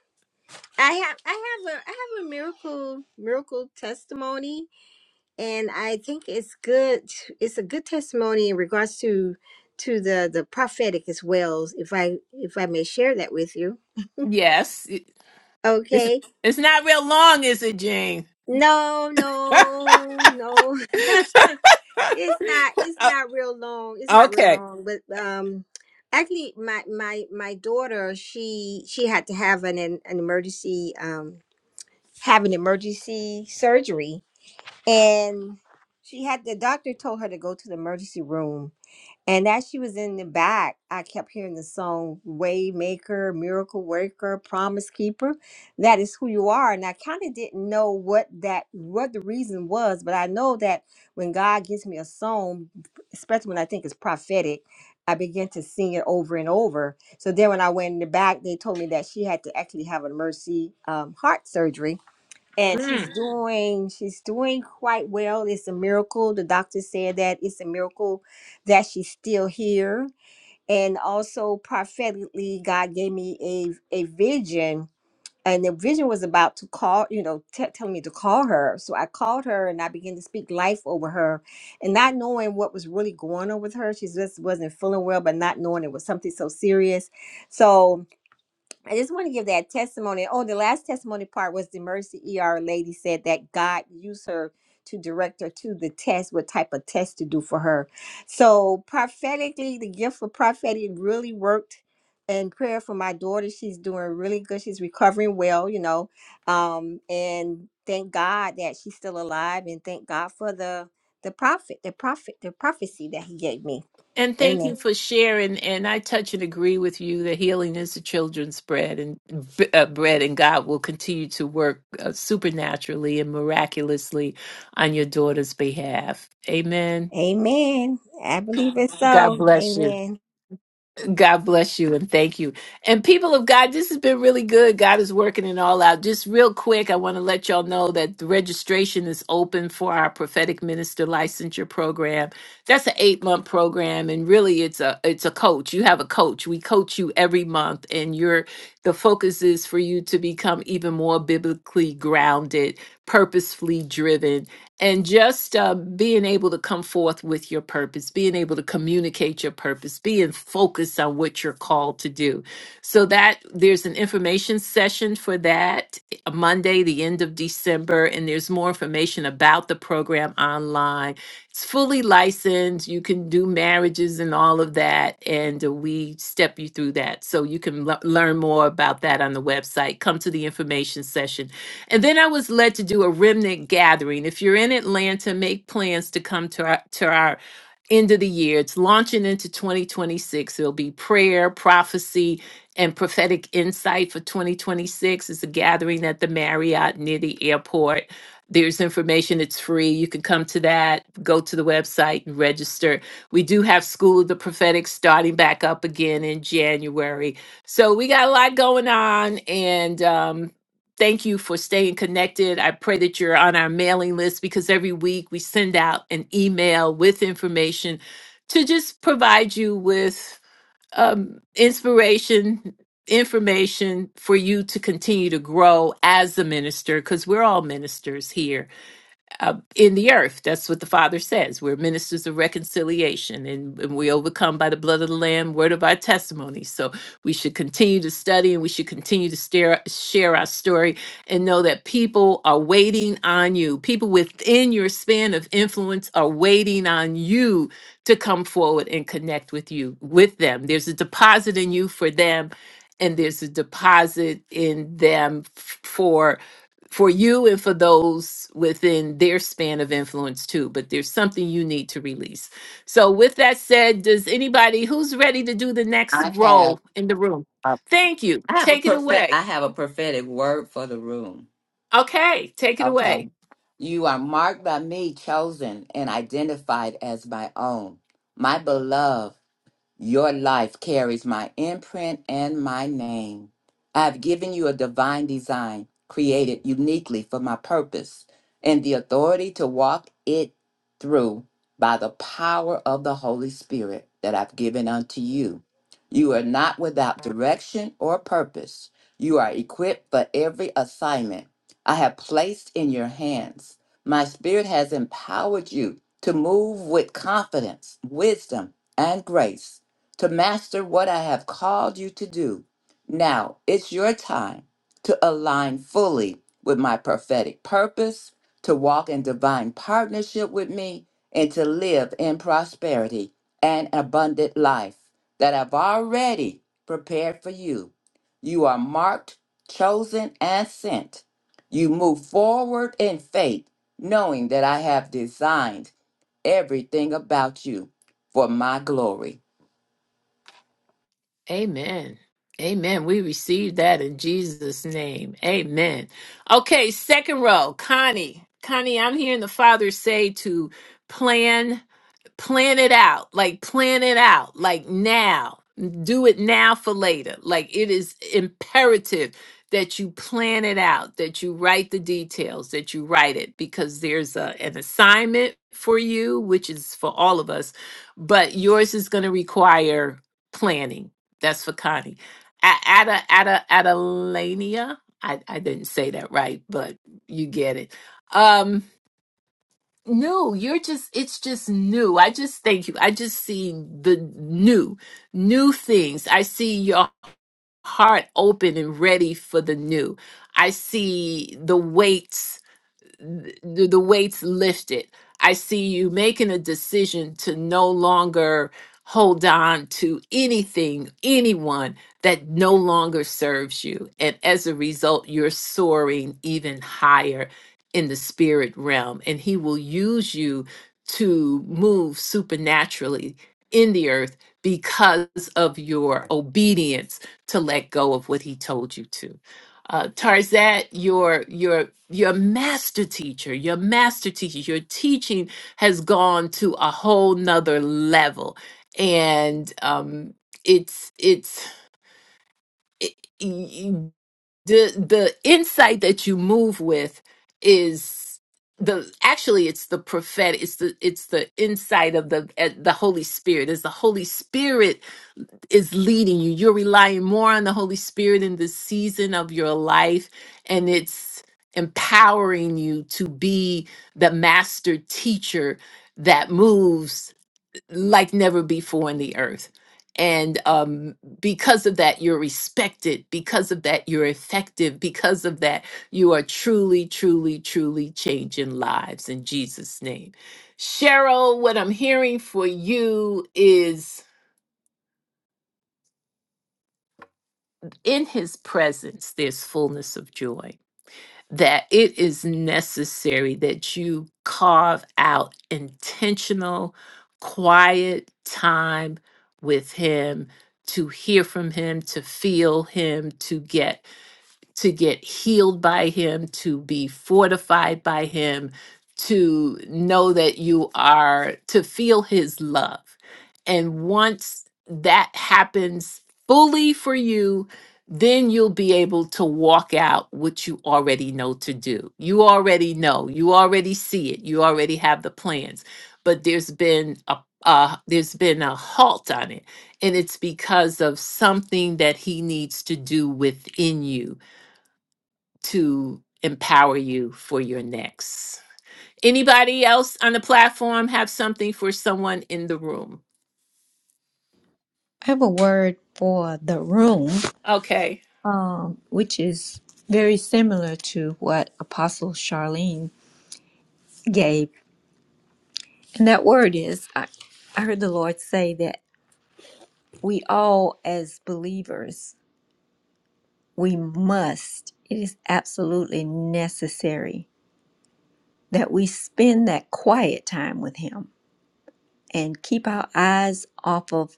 I: I have I have a I have a miracle miracle testimony, and I think it's good. It's a good testimony in regards to to the the prophetic as well. If I if I may share that with you,
A: Yes, It- it's
I: okay?
A: it's not real long, is it, Jane?
I: No, no, no. *laughs*
A: *laughs*
I: It's not it's
A: Uh,
I: not real long. It's not real
A: okay.
I: long, but um actually my my my daughter, she she had to have an an an emergency um have an emergency surgery and she had the doctor told her to go to the emergency room and as she was in the back, I kept hearing the song Waymaker, Miracle Worker, Promise Keeper. That is who you are. And I kind of didn't know what that what the reason was, but I know that when God gives me a song, especially when I think it's prophetic, I begin to sing it over and over. So then when I went in the back, they told me that she had to actually have a mercy um, heart surgery and
A: Mm.
I: she's doing she's doing quite well it's a miracle the doctor said that it's a miracle that she's still here and also prophetically god gave me a a vision and the vision was about to call you know t- telling me to call her so i called her and i began to speak life over her and not knowing what was really going on with her she just wasn't feeling well but not knowing it was something so serious so I just want to give that testimony. Oh, the last testimony part was the emergency ER lady said that God used her to direct her to the test, what type of test to do for her. So prophetically, the gift for prophetic really worked. And prayer for my daughter, she's doing really good. She's recovering well, you know. Um, and thank God that she's still alive, and thank God for the the prophet, the prophet, the prophecy that he gave me.
A: And thank you
I: Amen.
A: for sharing. And I touch and agree with you that healing is the children's bread and b- uh, bread, and God will continue to work uh, supernaturally and miraculously on your daughter's behalf. Amen.
I: Amen. I believe it
A: God
I: so.
A: bless you.
I: Amen.
A: God bless you and thank you. And people of God, this has been really good. God is working it all out. Just real quick, I want to let y'all know that the registration is open for our prophetic minister licensure program. That's an eight month program, and really, it's a it's a coach. You have a coach. We coach you every month, and your the focus is for you to become even more biblically grounded, purposefully driven, and just uh, being able to come forth with your purpose, being able to communicate your purpose, being focused on what you're called to do. So that there's an information session for that uh, Monday, the end of December, and there's more information about the program online. It's fully licensed. You can do marriages and all of that, and uh, we step you through that. So you can le- learn more about that on the website. Come to the information session and then I was led to do a remnant gathering. If you're in Atlanta, make plans to come to our to our end of the year. It's launching into 2026. there will be prayer, prophecy, and prophetic insight for 2026. It's a gathering at the Marriott near the airport. There's information, it's free. You can come to that, go to the website and register. We do have School of the Prophetic starting back up again in January. So we got a lot going on, and um, thank you for staying connected. I pray that you're on our mailing list because every week we send out an email with information to just provide you with um, inspiration, information for you to continue to grow as a minister because we're all ministers here uh, in the earth. That's what the Father says. We're ministers of reconciliation and, and we overcome by the blood of the Lamb, word of our testimony. So we should continue to study and we should continue to stare, share our story and know that people are waiting on you. People within your span of influence are waiting on you to come forward and connect with you, with them. There's a deposit in you for them. And there's a deposit in them f- for for you and for those within their span of influence too but there's something you need to release so with that said does anybody who's ready to do the next
B: I
A: role
B: have.
A: in the room thank you
B: I have a
A: take it
B: perfect
A: away
B: I have a prophetic word for the room.
A: okay take it away
B: Okay. You are marked by me, chosen and identified as my own, my beloved. Your life carries my imprint and my name. I have given you a divine design created uniquely for my purpose and the authority to walk it through by the power of the Holy Spirit that I've given unto you. You are not without direction or purpose. You are equipped for every assignment I have placed in your hands. My spirit has empowered you to move with confidence, wisdom, and grace to master what I have called you to do. Now it's your time to align fully with my prophetic purpose, to walk in divine partnership with me, and to live in prosperity and abundant life that I've already prepared for you. You are marked, chosen, and sent. You move forward in faith, knowing that I have designed everything about you for my glory.
A: amen amen we receive that in jesus name amen okay second row connie connie i'm hearing the father say to plan plan it out like plan it out like now do it now for later like it is imperative that you plan it out that you write the details that you write it because there's a, an assignment for you which is for all of us but yours is going to require planning that's for connie A- ada ada adelania I, I didn't say that right but you get it Um. No, you're just, it's just new. I just thank you. I just see the new, new things. I see your heart open and ready for the new. I see the weights the, the weights lifted. I see you making a decision to no longer hold on to anything, anyone that no longer serves you. And as a result, you're soaring even higher in the spirit realm. And He will use you to move supernaturally in the earth because of your obedience to let go of what He told you to uh, Tarzette, your your your master teacher, your master teacher, your teaching has gone to a whole nother level, and um, it's it's it, y- the the insight that you move with is the actually it's the prophetic it's the it's the insight of the eh, the holy spirit it's the holy spirit is leading you. You're relying more on the Holy Spirit in this season of your life, and it's empowering you to be the master teacher that moves like never before in the earth. And um, because of that, you're respected. Because of that, you're effective. Because of that, you are truly, truly, truly changing lives in Jesus' name. Cheryl, what I'm hearing for you is in his presence there's fullness of joy that it is necessary that you carve out intentional quiet time with him to hear from him to feel him to get to get healed by him, to be fortified by him, to know that you are, to feel his love. And once that happens fully for you, then you'll be able to walk out what you already know to do. You already know, you already see it, you already have the plans, but there's been a uh, there's been a halt on it, and it's because of something that he needs to do within you to empower you for your next. Anybody else on the platform have something for someone in the room?
C: I have a word for the room,
A: Okay.
C: um, which is very similar to what Apostle Charlene gave. And that word is I, I heard the Lord say that we all, as believers, we must, it is absolutely necessary that we spend that quiet time with Him and keep our eyes off of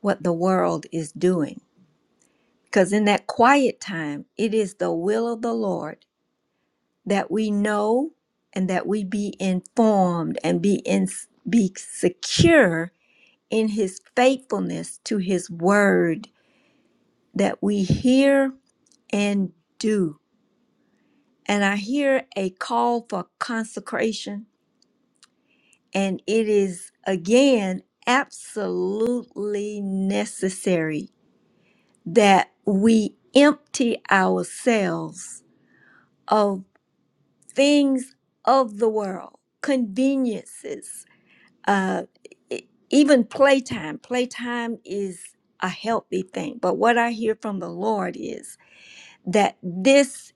C: what the world is doing Because in that quiet time, it is the will of the Lord that we know and that we be informed and be in, be secure in his faithfulness to his word that we hear and do. And I hear a call for consecration, and it is again absolutely necessary that we empty ourselves of. things of the world, conveniences, uh, e- even playtime. Playtime is a healthy thing. But what I hear from the Lord is that this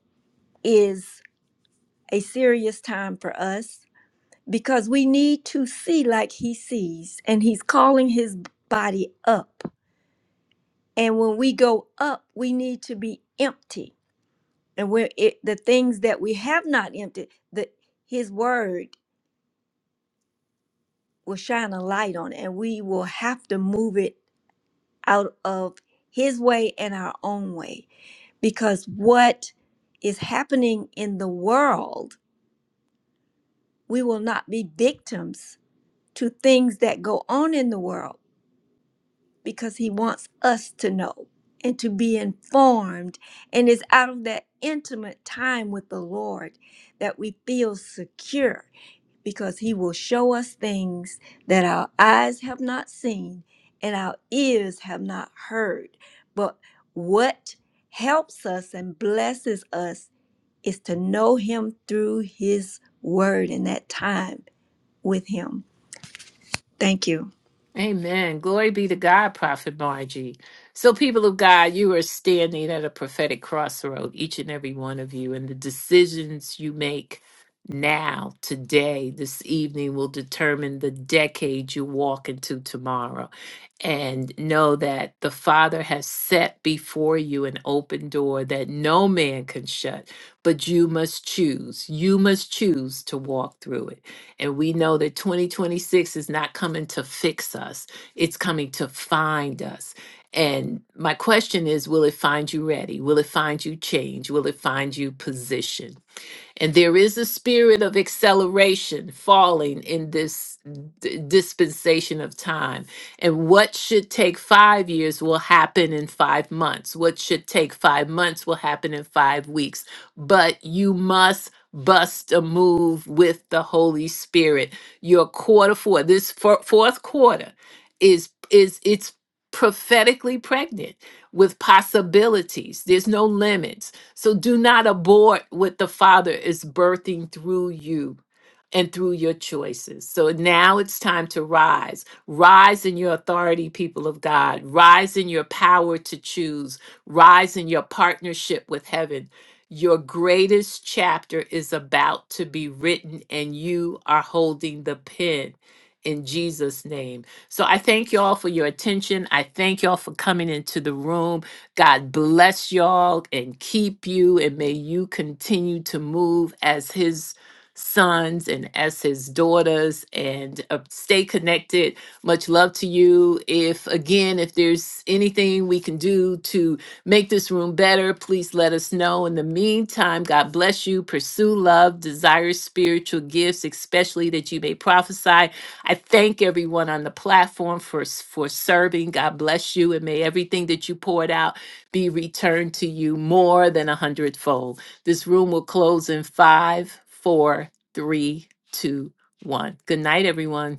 C: is a serious time for us because we need to see like He sees, and He's calling His body up. And when we go up, we need to be empty. And when it, the things that we have not emptied, the His word will shine a light on it and we will have to move it out of his way and our own way because what is happening in the world we will not be victims to things that go on in the world because he wants us to know and to be informed and it's out of that intimate time with the lord that we feel secure because he will show us things that our eyes have not seen and our ears have not heard. But what helps us and blesses us is to know him through his word and that time with him. Thank you.
A: Amen. Glory be to God, Prophet Margie. So, people of God, you are standing at a prophetic crossroad, each and every one of you, and the decisions you make now, today, this evening will determine the decade you walk into tomorrow. And know that the Father has set before you an open door that no man can shut, but you must choose. You must choose to walk through it. And we know that 2026 is not coming to fix us, it's coming to find us. And my question is Will it find you ready? Will it find you change? Will it find you position? And there is a spirit of acceleration falling in this d- dispensation of time. And what should take five years will happen in five months. What should take five months will happen in five weeks. But you must bust a move with the Holy Spirit. Your quarter four, this four- fourth quarter, is is it's prophetically pregnant with possibilities. There's no limits so do not abort what the Father is birthing through you and through your choices. So now it's time to rise. Rise in your authority, people of God. Rise in your power to choose. Rise in your partnership with heaven. Your greatest chapter is about to be written, and you are holding the pen in Jesus' name. So I thank you all for your attention. I thank you all for coming into the room. God bless y'all and keep you, and may you continue to move as His sons and as His daughters, and uh, stay connected. Much love to you. If again, if there's anything we can do to make this room better, please let us know. In the meantime, God bless you. Pursue love, desire spiritual gifts, especially that you may prophesy. I thank everyone on the platform for s- for serving. God bless you, and may everything that you poured out be returned to you more than a hundredfold. This room will close in five, four, three, two, one. Good night, everyone.